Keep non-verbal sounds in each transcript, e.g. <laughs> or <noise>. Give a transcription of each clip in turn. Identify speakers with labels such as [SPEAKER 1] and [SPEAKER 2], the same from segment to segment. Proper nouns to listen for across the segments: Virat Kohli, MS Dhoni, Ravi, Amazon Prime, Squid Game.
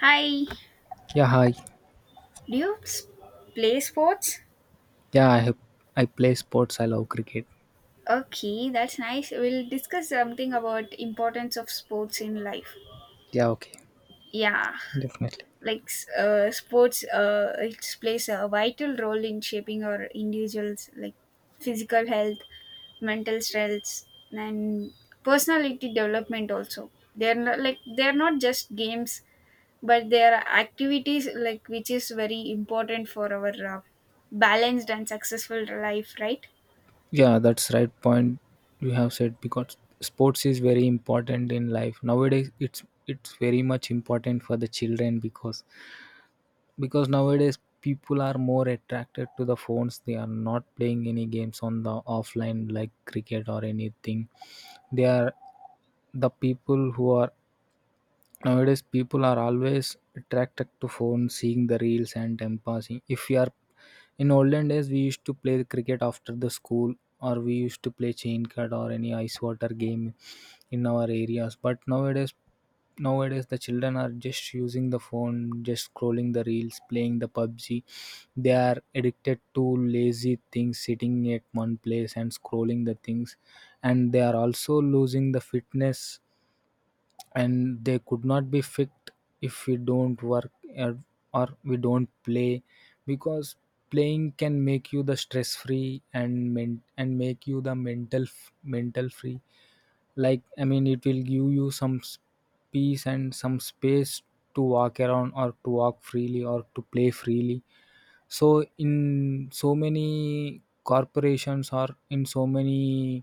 [SPEAKER 1] Hi,
[SPEAKER 2] Yeah, hi.
[SPEAKER 1] do you play sports?
[SPEAKER 2] Yeah, I have, I play sports. I love cricket.
[SPEAKER 1] Okay, that's nice. We'll discuss something about importance of sports in life.
[SPEAKER 2] Yeah, okay.
[SPEAKER 1] Yeah.
[SPEAKER 2] Definitely.
[SPEAKER 1] Like sports, it plays a vital role in shaping our individuals, like physical health, mental strengths, and personality development. Also, they're not just games, but they are activities, which is very important for our balanced and successful life, right?
[SPEAKER 2] Yeah, that's right point you have said because sports is very important in life. Nowadays it's very much important for the children because nowadays people are more attracted to the phones. They are not playing any games on the offline like cricket or anything. They are the people who are nowadays people are always attracted to phone, seeing the reels and time passing. If we are, in olden days we used to play cricket after the school, or we used to play chain cut or any ice water game in our areas. But nowadays the children are just using the phone, just scrolling the reels, playing the PUBG. They are addicted to lazy things, sitting at one place and scrolling the things, and they are also losing the fitness, and they could not be fixed if we don't work, or, or we don't play. Because playing can make you the stress free and make you the mental mental free. Like, I mean, it will give you some peace and some space to walk around, or to walk freely, or to play freely. So in so many corporations, or in so many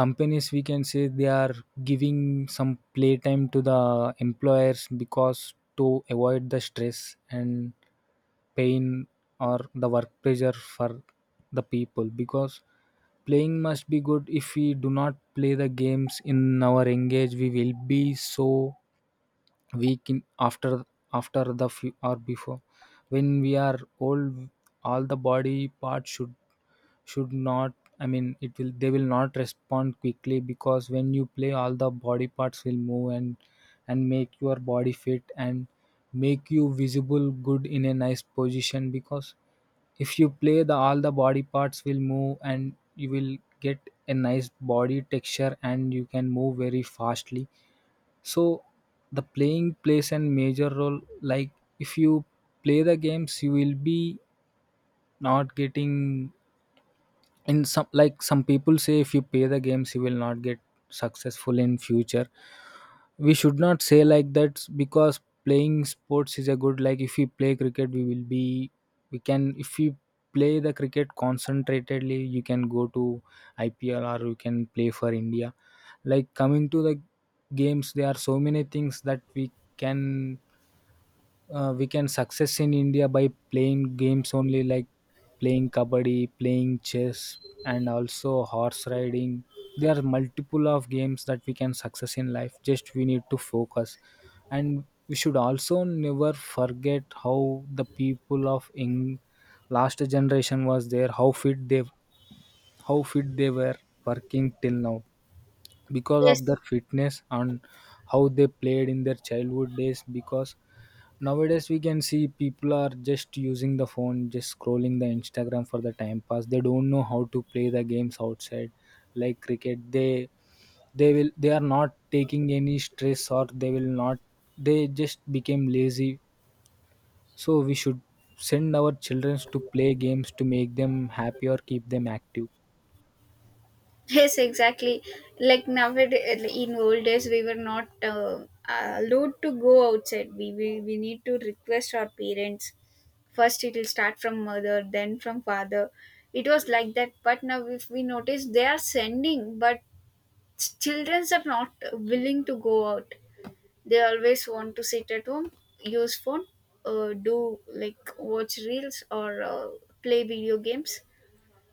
[SPEAKER 2] companies we can say, they are giving some playtime to the employers, because to avoid the stress and pain, or the work pressure for the people. Because playing must be good. If we do not play the games in our engage, we will be so week in, after the few or before, when we are old, all the body parts should not, I mean, it will, they will not respond quickly, because when you play all the body parts will move and make your body fit and make you visible good in a nice position. Because if you play, the all the body parts will move and you will get a nice body texture and you can move very fastly. So the playing plays a major role. Like, if you play the games, you will be not getting in, some, like, some people say if you play the games you will not get successful in future. We should not say like that, because playing sports is a good. Like, if we play cricket we will be, we can, if we play the cricket concentratedly you can go to IPL, or you can play for India. Like, coming to the games, there are so many things that we can, we can success in India by playing games only, like playing kabaddi, playing chess, and also horse riding. There are multiple of games that we can success in life. Just we need to focus, and we should also never forget how the people of in last generation was there, how fit they were working till now because of
[SPEAKER 1] Yes,
[SPEAKER 2] their fitness and how they played in their childhood days. Because nowadays we can see people are just using the phone, just scrolling the Instagram for the time pass. They don't know how to play the games outside like cricket. They will they are not taking any stress, or they will not, they just became lazy. So we should send our children to play games to make them happy or keep them active.
[SPEAKER 1] yes, exactly. Like nowadays, in old days, we were not allowed to go outside. We need to request our parents first. It will start from mother, then from father. It was like that. But now, if we notice, they are sending, but children are not willing to go out. They always want to sit at home, use phone, do like watch reels or play video games,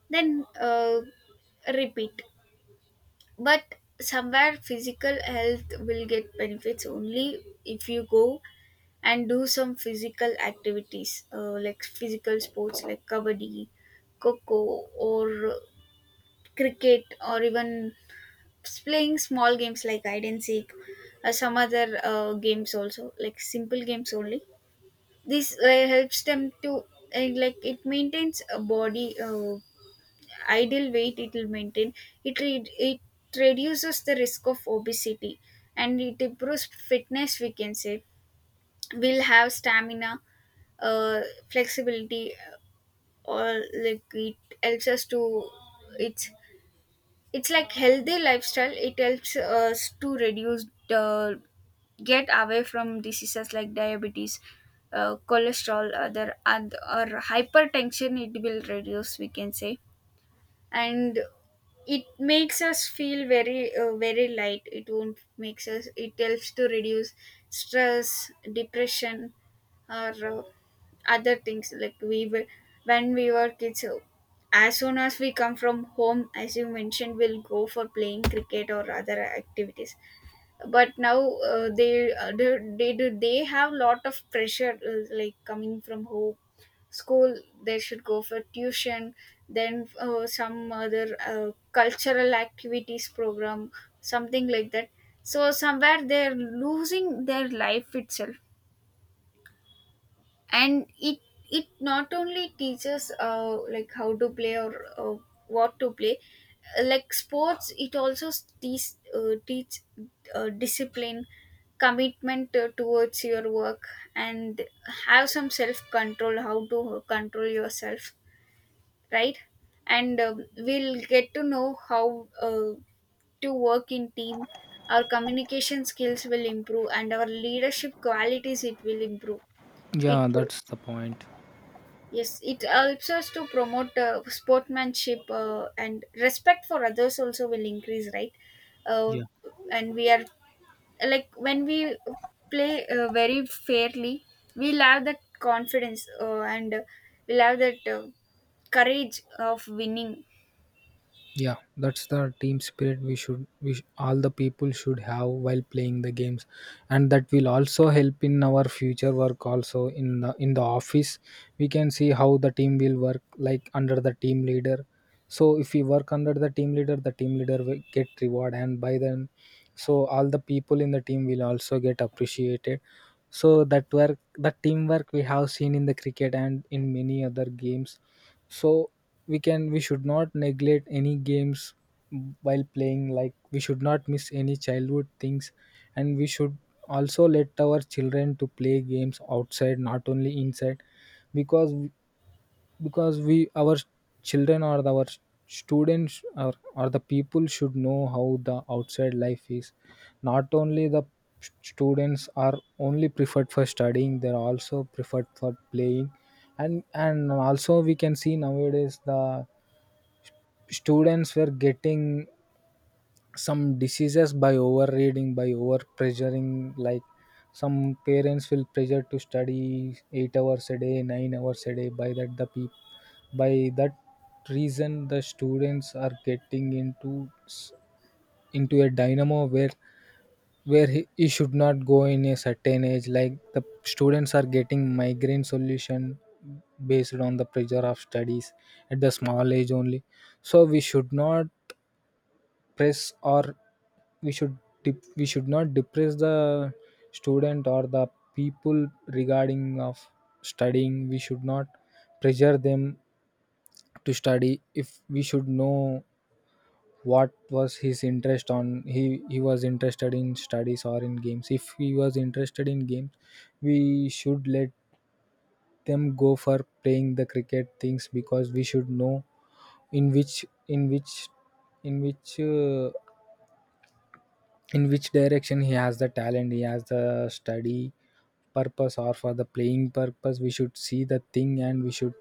[SPEAKER 1] then repeat. But somewhere physical health will get benefits only if you go and do some physical activities, like physical sports like kabaddi, coco, or cricket, or even playing small games like hide and seek, or some other games, also, like simple games only. This helps them to, like, it maintains a body ideal weight, it will maintain. It reduces the risk of obesity, and it improves fitness, we can say. We'll have stamina, uh, flexibility, or like it helps us to — it's it's like healthy lifestyle, it helps us to reduce the — get away from diseases like diabetes, cholesterol, other, and or hypertension, it will reduce, we can say. And it makes us feel very, very light. It won't makes us — it helps to reduce stress, depression, or other things. Like we were — when we were kids, as soon as we come from home, as you mentioned, we'll go for playing cricket or other activities. But now, they have lot of pressure, like coming from home, school, they should go for tuition, then some other cultural activities program, something like that. So somewhere they're losing their life itself. And it not only teaches, like how to play or what to play. Like sports, it also teach teach discipline, commitment, towards your work, and have some self control, how to control yourself, right? And we'll get to know how uh, to work in team. Our communication skills will improve, and our leadership qualities it will improve. It —
[SPEAKER 2] Yeah, that's the point.
[SPEAKER 1] yes, it helps us to promote sportsmanship, and respect for others also will increase, right? Uh,
[SPEAKER 2] Yeah.
[SPEAKER 1] and we are, like when we play very fairly, we'll have that confidence, and we'll have that courage of winning.
[SPEAKER 2] Yeah, that's the team spirit we should we sh- all the people should have while playing the games, and that will also help in our future work. Also in the office, we can see how the team will work like under the team leader. So if we work under the team leader will get reward, and by then, so all the people in the team will also get appreciated. So that work, that teamwork we have seen in the cricket and in many other games. So we should not neglect any games while playing. Like, we should not miss any childhood things, and we should also let our children to play games outside, not only inside. Because we our children or our students or the people should know how the outside life is, not only the students are only preferred for studying, they're also preferred for playing. And also we can see nowadays the students were getting some diseases by overreading, by overpressuring, like some parents will pressure to study 8 hours a day 9 hours a day. By that reason the students are getting into s- into a dynamo where he, should not go in a certain age. Like, the students are getting migraine solution based on the pressure of studies at the small age only. So we should not press, or we should we should not depress the student or the people regarding of studying. We should not pressure them to study. If we should know what was his interest on, he was interested in studies or in games. If he was interested in games, we should let them go for playing the cricket things. Because we should know in which in which in which uh, in which direction, he has the talent, he has the study purpose or for the playing purpose. We should see the thing, and we should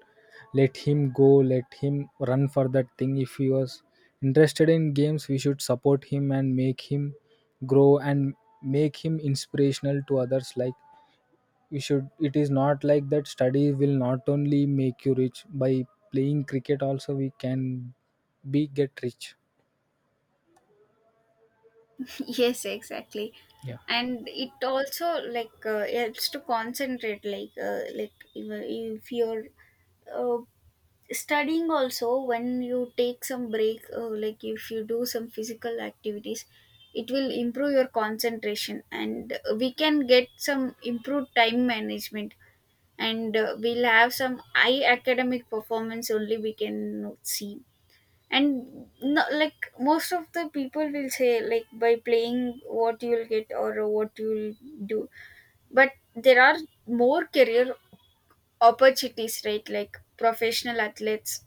[SPEAKER 2] let him go, let him run for that thing. If he was interested in games, we should support him and make him grow and make him inspirational to others. Like, we should, it is not like that, study will not only make you rich, by playing cricket also we can be get rich.
[SPEAKER 1] <laughs> Yes, exactly.
[SPEAKER 2] Yeah.
[SPEAKER 1] And it also, like helps to concentrate, like, if you're uh, studying also, when you take some break, like if you do some physical activities, it will improve your concentration, and we can get some improved time management. And we'll have some high academic performance only, we can see. And no, like most of the people will say like by playing what you'll get or what you'll do. But there are more career opportunities, right? Like professional athletes,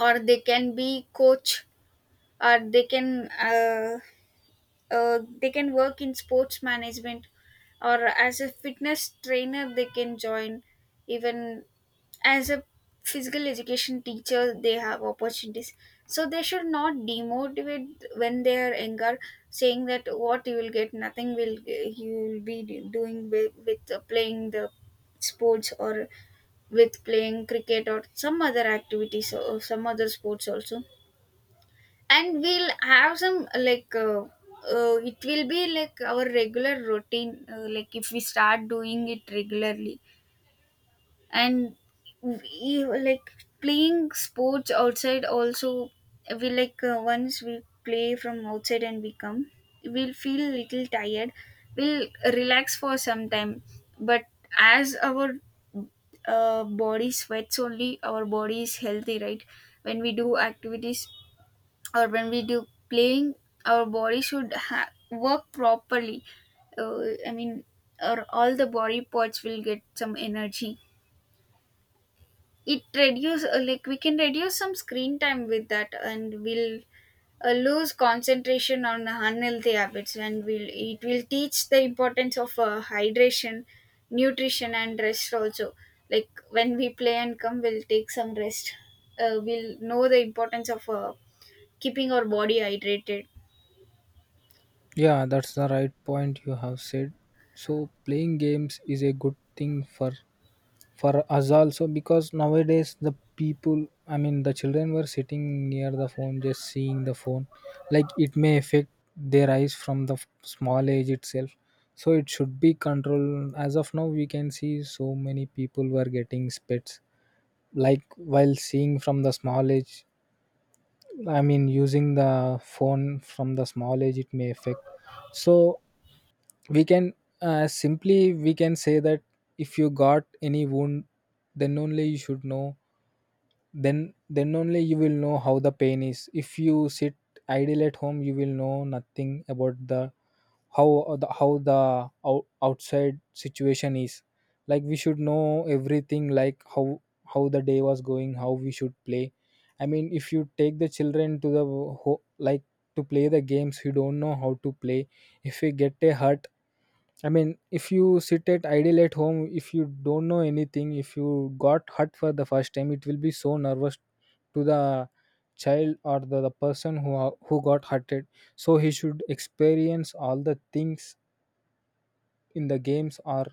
[SPEAKER 1] or they can be coach, or they can work in sports management, or as a fitness trainer they can join, even as a physical education teacher, they have opportunities. So they should not demotivate when they are younger, saying that what you will get, nothing will — you will be doing with playing the sports, or with playing cricket, or some other activities, or some other sports also. And we'll have some, like it will be like our regular routine, like if we start doing it regularly. And like, playing sports outside also, we like once we play from outside and we come, we'll feel little tired. We'll relax for some time. But as our body sweats only, our body is healthy, right? When we do activities, or when we do playing, our body should work properly. uh, I mean, or all the body parts will get some energy. It reduce, like we can reduce some screen time with that, and we'll lose concentration on unhealthy habits. And will — it will teach the importance of hydration, nutrition, and rest also. Like when we play and come, we'll take some rest. We'll know the importance of keeping our body hydrated.
[SPEAKER 2] Yeah, that's the right point you have said. So playing games is a good thing for us also, because nowadays the people, I mean the children, were sitting near the phone just seeing the phone. Like, it may affect their eyes from the small age itself. So it should be controlled. As of now, we can see so many people were getting spits. Like, while seeing from the small age, I mean using the phone from the small age, it may affect. So we can, simply we can say that if you got any wound, then only you should know, then only you will know how the pain is. If you sit idle at home, you will know nothing about the how the outside situation is. Like, we should know everything, like how the day was going, how we should play. I mean, if you take the children to the like to play the games, you don't know how to play if we get a hurt. I mean, if you sit at idle at home, if you don't know anything, if you got hurt for the first time, it will be so nervous to the child or the person who got hurted. So he should experience all the things in the games,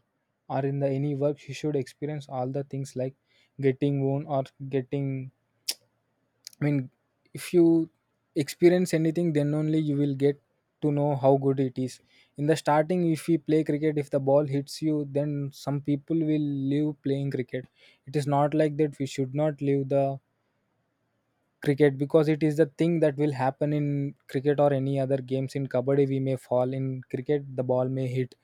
[SPEAKER 2] or in the any work. He should experience all the things, like getting wound or getting, I mean, if you experience anything, then only you will get to know how good it is. In the starting, if we play cricket, if the ball hits you, then some people will leave playing cricket. It is not like that. We should not leave the cricket, because it is the thing that will happen in cricket or any other games. In kabaddi, we may fall. In cricket, the ball may hit.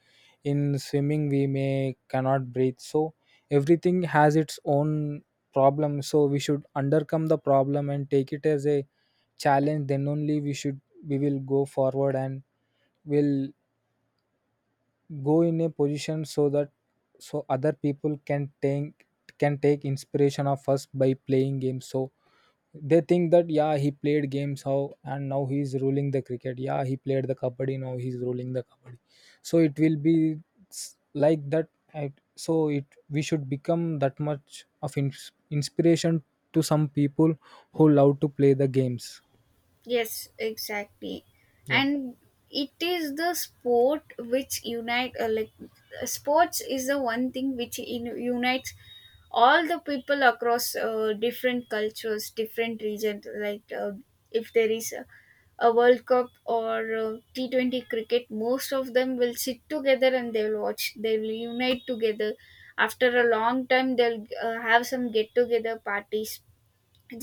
[SPEAKER 2] In swimming, we may cannot breathe. So everything has its own problem, so we should undercome the problem and take it as a challenge, then only we will go forward and will go in a position, so that, so other people can take, inspiration of us by playing games. So they think that, yeah, he played games how, and now he's ruling the cricket. Yeah, he played the kabaddi, now he's ruling the kabaddi. So it will be like that. So it, we should become that much of inspiration to some people who love to play the games.
[SPEAKER 1] Yes, exactly.
[SPEAKER 2] Yeah.
[SPEAKER 1] And it is the sport which unite, like sports is the one thing which, unites all the people across different cultures, different regions. Like if there is a World Cup or T20 cricket, most of them will sit together and they will watch. They will unite together. After a long time, they'll have some get together parties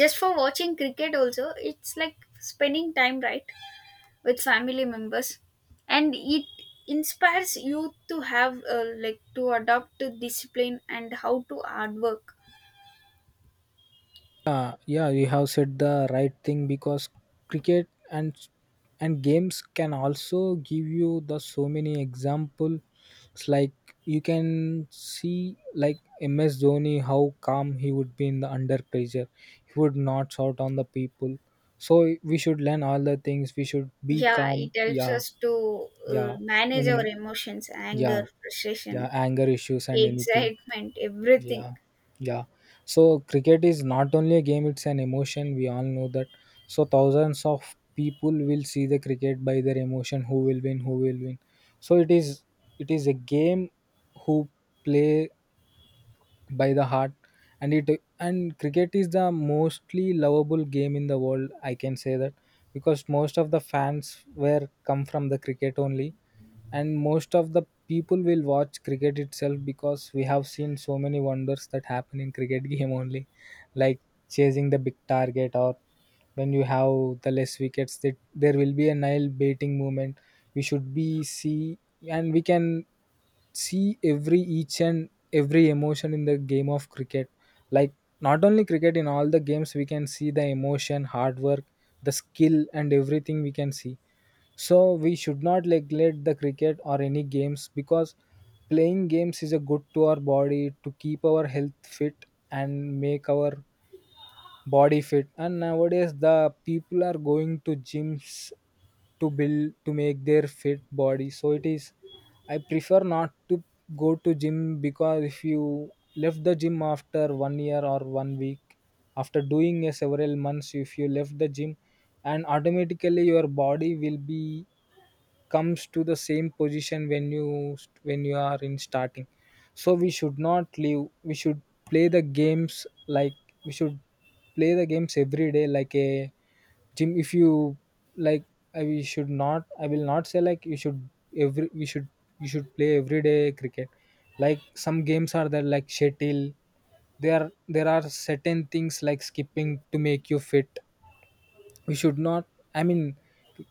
[SPEAKER 1] just for watching cricket also. It's like spending time, right, with family members. And it inspires you to have, like, to adopt to discipline and how to hard work.
[SPEAKER 2] Yeah, you have said the right thing because cricket and games can also give you the so many examples. Like, you can see like MS Dhoni, how calm he would be in the under pressure. He would not shout on the people. So we should learn all the things. We should be
[SPEAKER 1] Yeah, it
[SPEAKER 2] calm.
[SPEAKER 1] helps
[SPEAKER 2] Yeah,
[SPEAKER 1] us to
[SPEAKER 2] yeah,
[SPEAKER 1] manage
[SPEAKER 2] in,
[SPEAKER 1] our emotions —
[SPEAKER 2] yeah,
[SPEAKER 1] anger, frustration,
[SPEAKER 2] yeah, anger issues and anything.
[SPEAKER 1] excitement, everything.
[SPEAKER 2] Yeah, yeah. So cricket is not only a game, it's an emotion. We all know that. So thousands of people will see the cricket by their emotion, who will win, who will win. So it is a game who play by the heart, and cricket is the mostly lovable game in the world, I can say that because most of the fans were come from the cricket only, and most of the people will watch cricket itself because we have seen so many wonders that happen in cricket <laughs> game only, like chasing the big target, or when you have the less wickets, that there will be a nile baiting movement, we should be see, and we can see every each and every emotion in the game of cricket, like not only cricket, in all the games we can see the emotion, hard work, the skill and everything we can see. So we should not neglect the cricket or any games because playing games is a good to our body, to keep our health fit and make our body fit. And nowadays the people are going to gyms to make their fit body. So it is, I prefer not to go to gym because if you left the gym after one year or one week, after doing a several months, if you left the gym, and automatically your body will be comes to the same position when you are in starting. So we should not leave, we should play the games, like we should play the games every day like a gym. If you like, I will not say like you should, every we should, you should play every day cricket. Like some games are there like shuttle, there there are certain things like skipping to make you fit, we should not, I mean,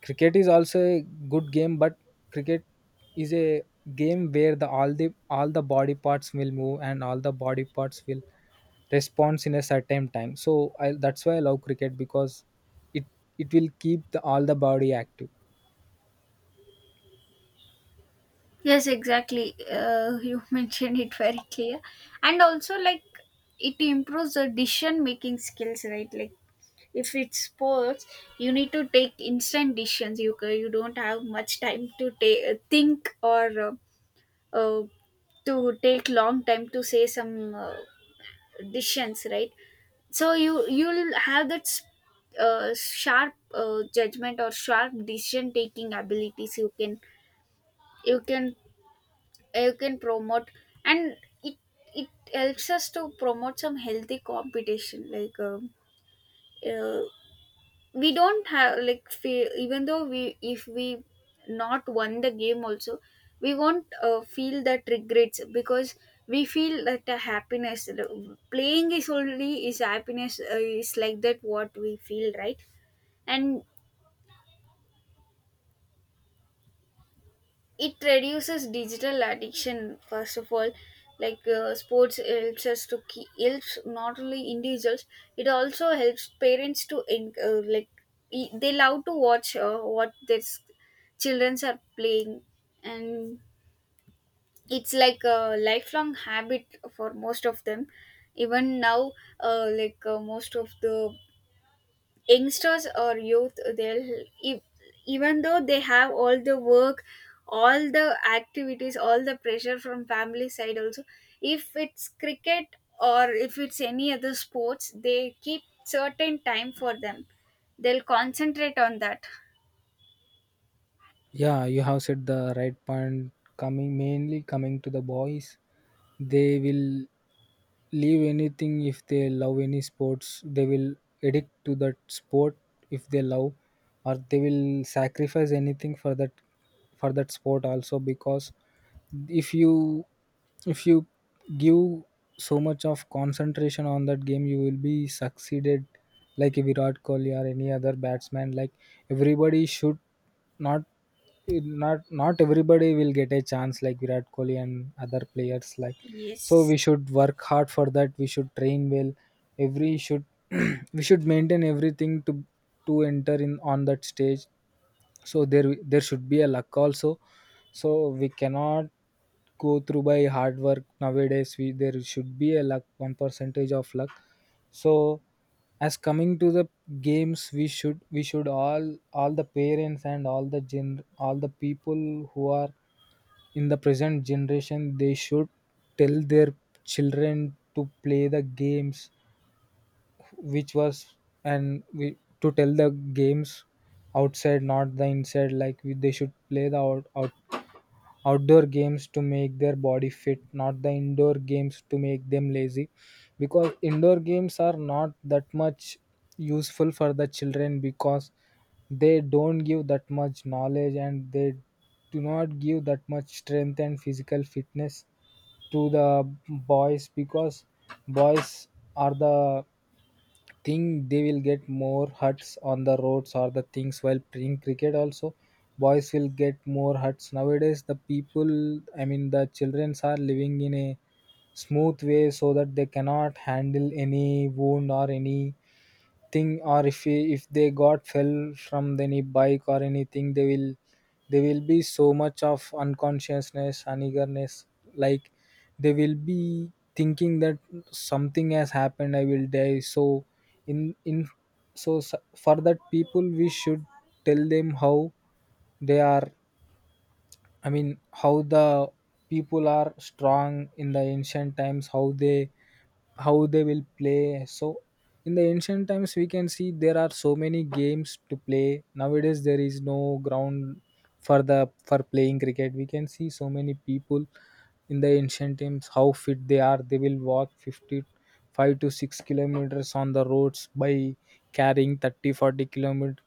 [SPEAKER 2] cricket is also a good game, but cricket is a game where the all the all the body parts will move and all the body parts will response in a certain time. So I, that's why I love cricket because it it will keep the all the body active.
[SPEAKER 1] Yes, exactly. You <laughs> mentioned it very clear. And also, like, it improves the decision making skills, right? Like if it's sports, you need to take instant decisions. You don't have much time to think, or uh, to take long time to say some decisions, right? So you'll have that sharp judgment or sharp decision taking abilities. You can — you can you can promote. And it it helps us to promote some healthy competition, like uh, we don't have like feel — even though we — if we not won the game also, we won't feel that regrets, because we feel that the happiness. Playing is only is happiness, is like that what we feel, right? And it reduces digital addiction first of all. Like sports helps us to keep helps not only individuals, it also helps parents to they love to watch what their childrens are playing. And it's like a lifelong habit for most of them even now, like most of the youngsters or youth, they'll e- even though they have all the work, all the activities, all the pressure from family side also, if it's cricket or if it's any other sports, they keep certain time for them, they'll concentrate on that.
[SPEAKER 2] Yeah, you have said the right point. Coming mainly coming to the boys, they will leave anything if they love any sports. They will addict to that sport if they love, or they will sacrifice anything for that, for that sport also. Because if you if you give so much of concentration on that game, you will be succeeded, like a Virat Kohli or any other batsman. Like everybody should not, it not everybody will get a chance like Virat Kohli and other players. Like so
[SPEAKER 1] Yes,
[SPEAKER 2] we should work hard for that, we should train well, every should, <clears throat> we should maintain everything to enter in on that stage. So there should be a luck also. So we cannot go through by hard work nowadays, we there should be a luck, one percentage of luck. So as coming to the games, we should all the parents and all the gen all the people who are in the present generation, they should tell their children to play the games, which was, and to tell the games outside, not the inside. Like they should play the outdoor games to make their body fit, not the indoor games to make them lazy. Because indoor games are not that much useful for the children, because they don't give that much knowledge and they do not give that much strength and physical fitness to the boys. Because boys are the think, they will get more huts on the roads or the things while playing cricket also, boys will get more huts. Nowadays the people, I mean the children are living in a smooth way, so that they cannot handle any wound or any thing or if they got fell from any bike or anything, they will, they will be so much of unconsciousness and eagerness, like they will be thinking that something has happened, I will die. So in, for that people we should tell them how they are, I mean how the people are strong in the ancient times, how they, how they will play. So in the ancient times we can see, there are so many games to play, nowadays there is no ground for the for playing cricket. We can see so many people in the ancient times, how fit they are, they will walk 50, 5 to 6 kilometers on the roads by carrying 30, 40 kilometers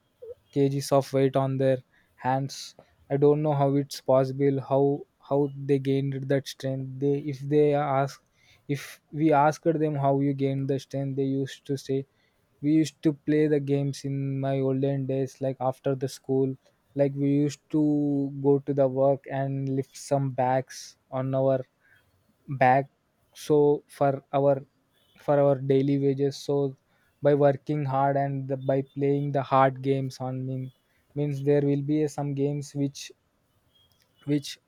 [SPEAKER 2] kgs of weight on their hands. I don't know how it's possible, how they gained that strength. They, if they ask, if we asked them how you gained the strength, they used to say, we used to play the games in my olden days, like after the school, like we used to go to the work and lift some bags on our back, so for our, for our daily wages. So by working hard and by playing the hard games on mean, means there will be some games which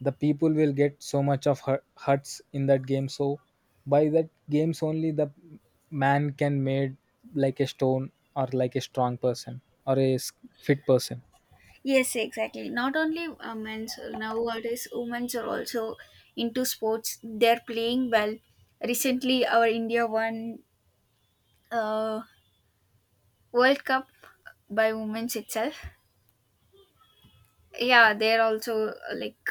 [SPEAKER 2] the people will get so much of hurts in that game. So by that games only the man can made like a stone, or like a strong person, or a fit person.
[SPEAKER 1] yes, exactly. Not only men's, nowadays women's are also into sports, they're playing well. Recently our india won uh, World Cup by women's itself. Yeah, they're also, uh, like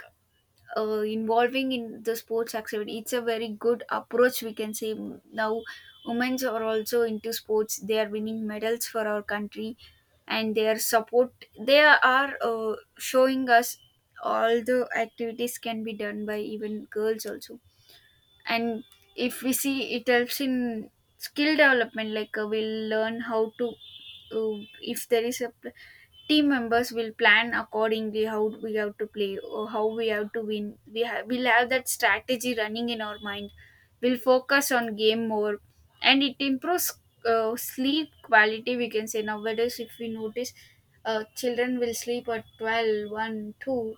[SPEAKER 1] uh, involving in the sports activity. It's a very good approach, we can say. Mm, now, women's are also into sports. They are winning medals for our country, and their support. They are showing us all the activities can be done by even girls also. And if we see, it helps in skill development. Like, we'll learn how to, if there is a team members will plan accordingly, how we have to play or how we have to win. We'll have that strategy running in our mind. We'll focus on game more, and it improves sleep quality, we can say. Nowadays, if we notice, children will sleep at 12, one, 2.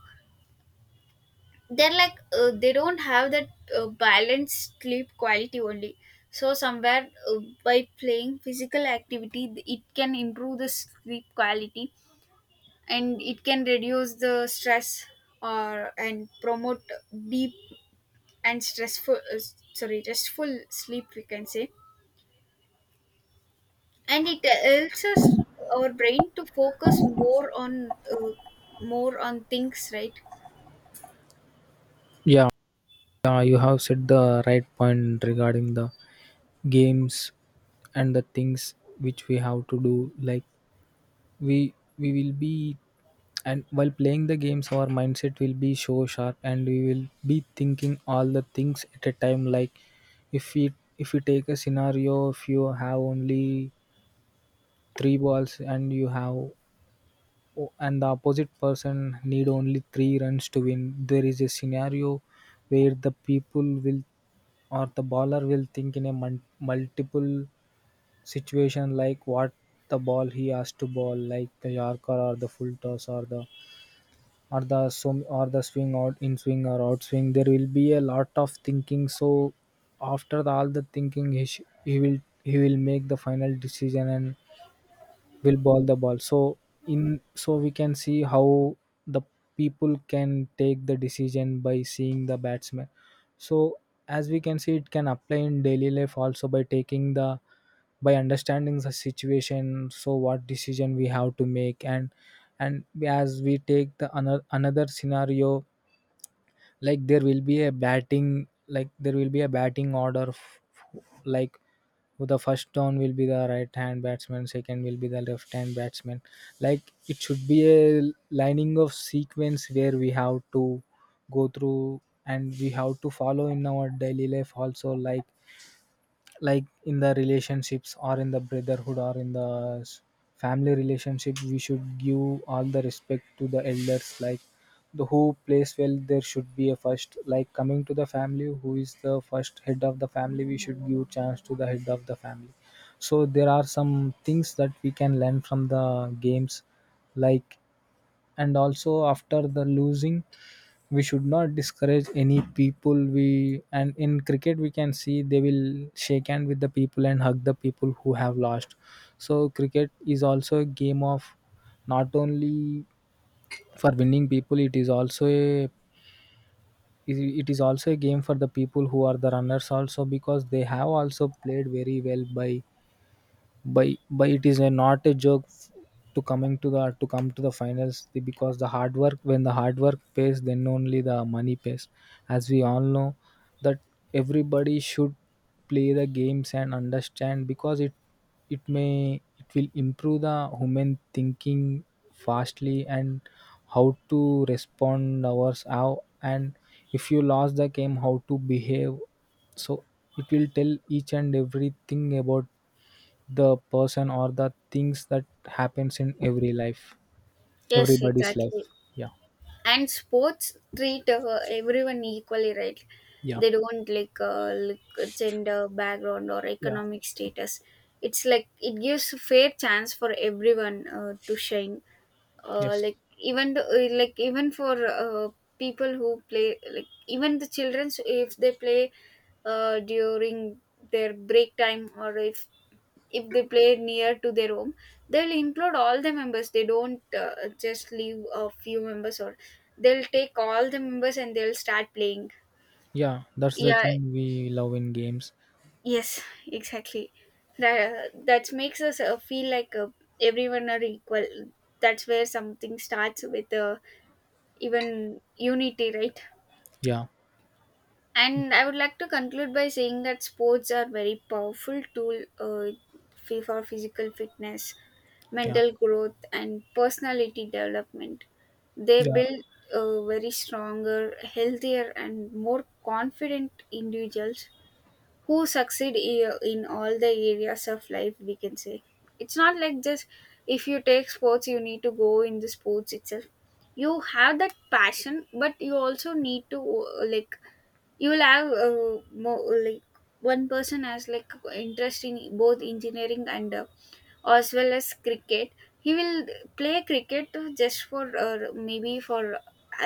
[SPEAKER 1] They're like they don't have that balanced sleep quality only. So somewhere, by playing physical activity, it can improve the sleep quality, and it can reduce the stress, or, and promote deep and stressful, sorry, restful sleep, we can say. And it helps us — our brain to focus more on, more on things, right?
[SPEAKER 2] Yeah, you have said the right point regarding the games and the things which we have to do. Like we will be, and while playing the games our mindset will be so sharp, and we will be thinking all the things at a time. Like if we, if we take a scenario, if you have only three balls, and you have, and the opposite person need only three runs to win, there is a scenario where the people will, or the baller will think in a multiple situation, like what the ball he has to ball, like the yorker or the full toss, or the, or the swim, or the swing, out in swing or out swing, there will be a lot of thinking. So after all the thinking, he will, he will make the final decision and will ball the ball. So in, so we can see how the people can take the decision by seeing the batsman. So as we can see, it can apply in daily life also, by taking the, by understanding the situation, so what decision we have to make. And as we take the another scenario, like there will be a batting, like there will be a batting order, like the first down will be the right hand batsman, second will be the left hand batsman. Like it should be a lining of sequence where we have to go through, and we have to follow in our daily life also. Like in the relationships, or in the brotherhood, or in the family relationship, we should give all the respect to the elders. Like the who plays well, there should be a first. Like coming to the family, who is the first head of the family, we should give chance to the head of the family. So there are some things that we can learn from the games. Like and also after the losing, we should not discourage any people. We, and in cricket we can see they will shake hand with the people and hug the people who have lost. So cricket is also a game of, not only for winning people, it is also a, it is also a game for the people who are the runners also, because they have also played very well. By by it is a not a joke, to coming to the, to come to the finals. The- because the hard work, when the hard work pays, then only the money pays, as we all know. That everybody should play the games and understand, because it may, it will improve the human thinking fastly, and how to respond ours, how, and if you lost the game, how to behave. So it will tell each and everything about the person, or the things that happens in every life,
[SPEAKER 1] Yes,
[SPEAKER 2] everybody's life.
[SPEAKER 1] exactly.
[SPEAKER 2] Yeah.
[SPEAKER 1] And sports treat everyone equally, right?
[SPEAKER 2] Yeah.
[SPEAKER 1] They don't, like, look at gender, background, or
[SPEAKER 2] Yeah.
[SPEAKER 1] economic status. It's like it gives a fair chance for everyone to shine,
[SPEAKER 2] Yes.
[SPEAKER 1] even the, even for people who play, like even the children. So if they play during their break time, or if they play near to their home, they'll include all the members. They don't just leave a few members, or they'll take all the members and they'll start playing.
[SPEAKER 2] Yeah, that's the
[SPEAKER 1] Yeah,
[SPEAKER 2] thing we love in games.
[SPEAKER 1] yes, exactly. That — that makes us feel like everyone are equal. That's where something starts with, even unity, right?
[SPEAKER 2] Yeah.
[SPEAKER 1] And I would like to conclude by saying that sports are very powerful tool, for physical fitness,
[SPEAKER 2] Yeah.
[SPEAKER 1] mental growth, and personality development. They
[SPEAKER 2] Yeah.
[SPEAKER 1] build very stronger, healthier, and more confident individuals who succeed in all the areas of life, we can say. It's not like just, if you take sports you need to go in the sports itself. You have that passion, but you also need to, like, you will have, more like, one person has like interest in both engineering and, as well as cricket. He will play cricket just for, maybe for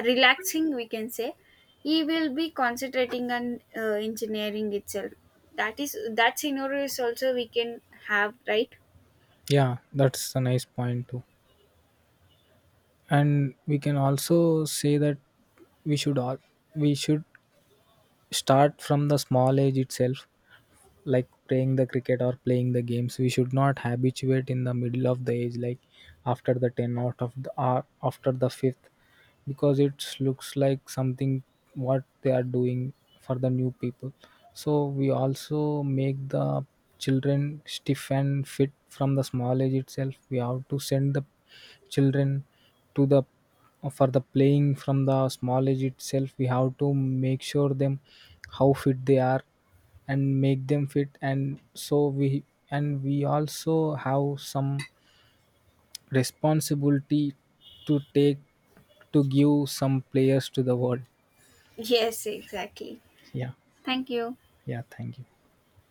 [SPEAKER 1] relaxing, we can say. He will be concentrating on engineering itself. That is — that scenario is also we can have, right?
[SPEAKER 2] Yeah, that's a nice point too. And we can also say that we should all, we should start from the small age itself. Like playing the cricket or playing the games, we should not habituate in the middle of the age, like after the 10 out of the, or after the fifth, because it looks like something what they are doing for the new people. So we also make the children stiff and fit from the small age itself. We have to send the children to the for the playing from the small age itself. We have to make sure them how fit they are, and make them fit. And so we, and we also have some responsibility to take, to give some players to the world.
[SPEAKER 1] Yes, exactly.
[SPEAKER 2] Yeah.
[SPEAKER 1] Thank you.
[SPEAKER 2] Yeah, thank you.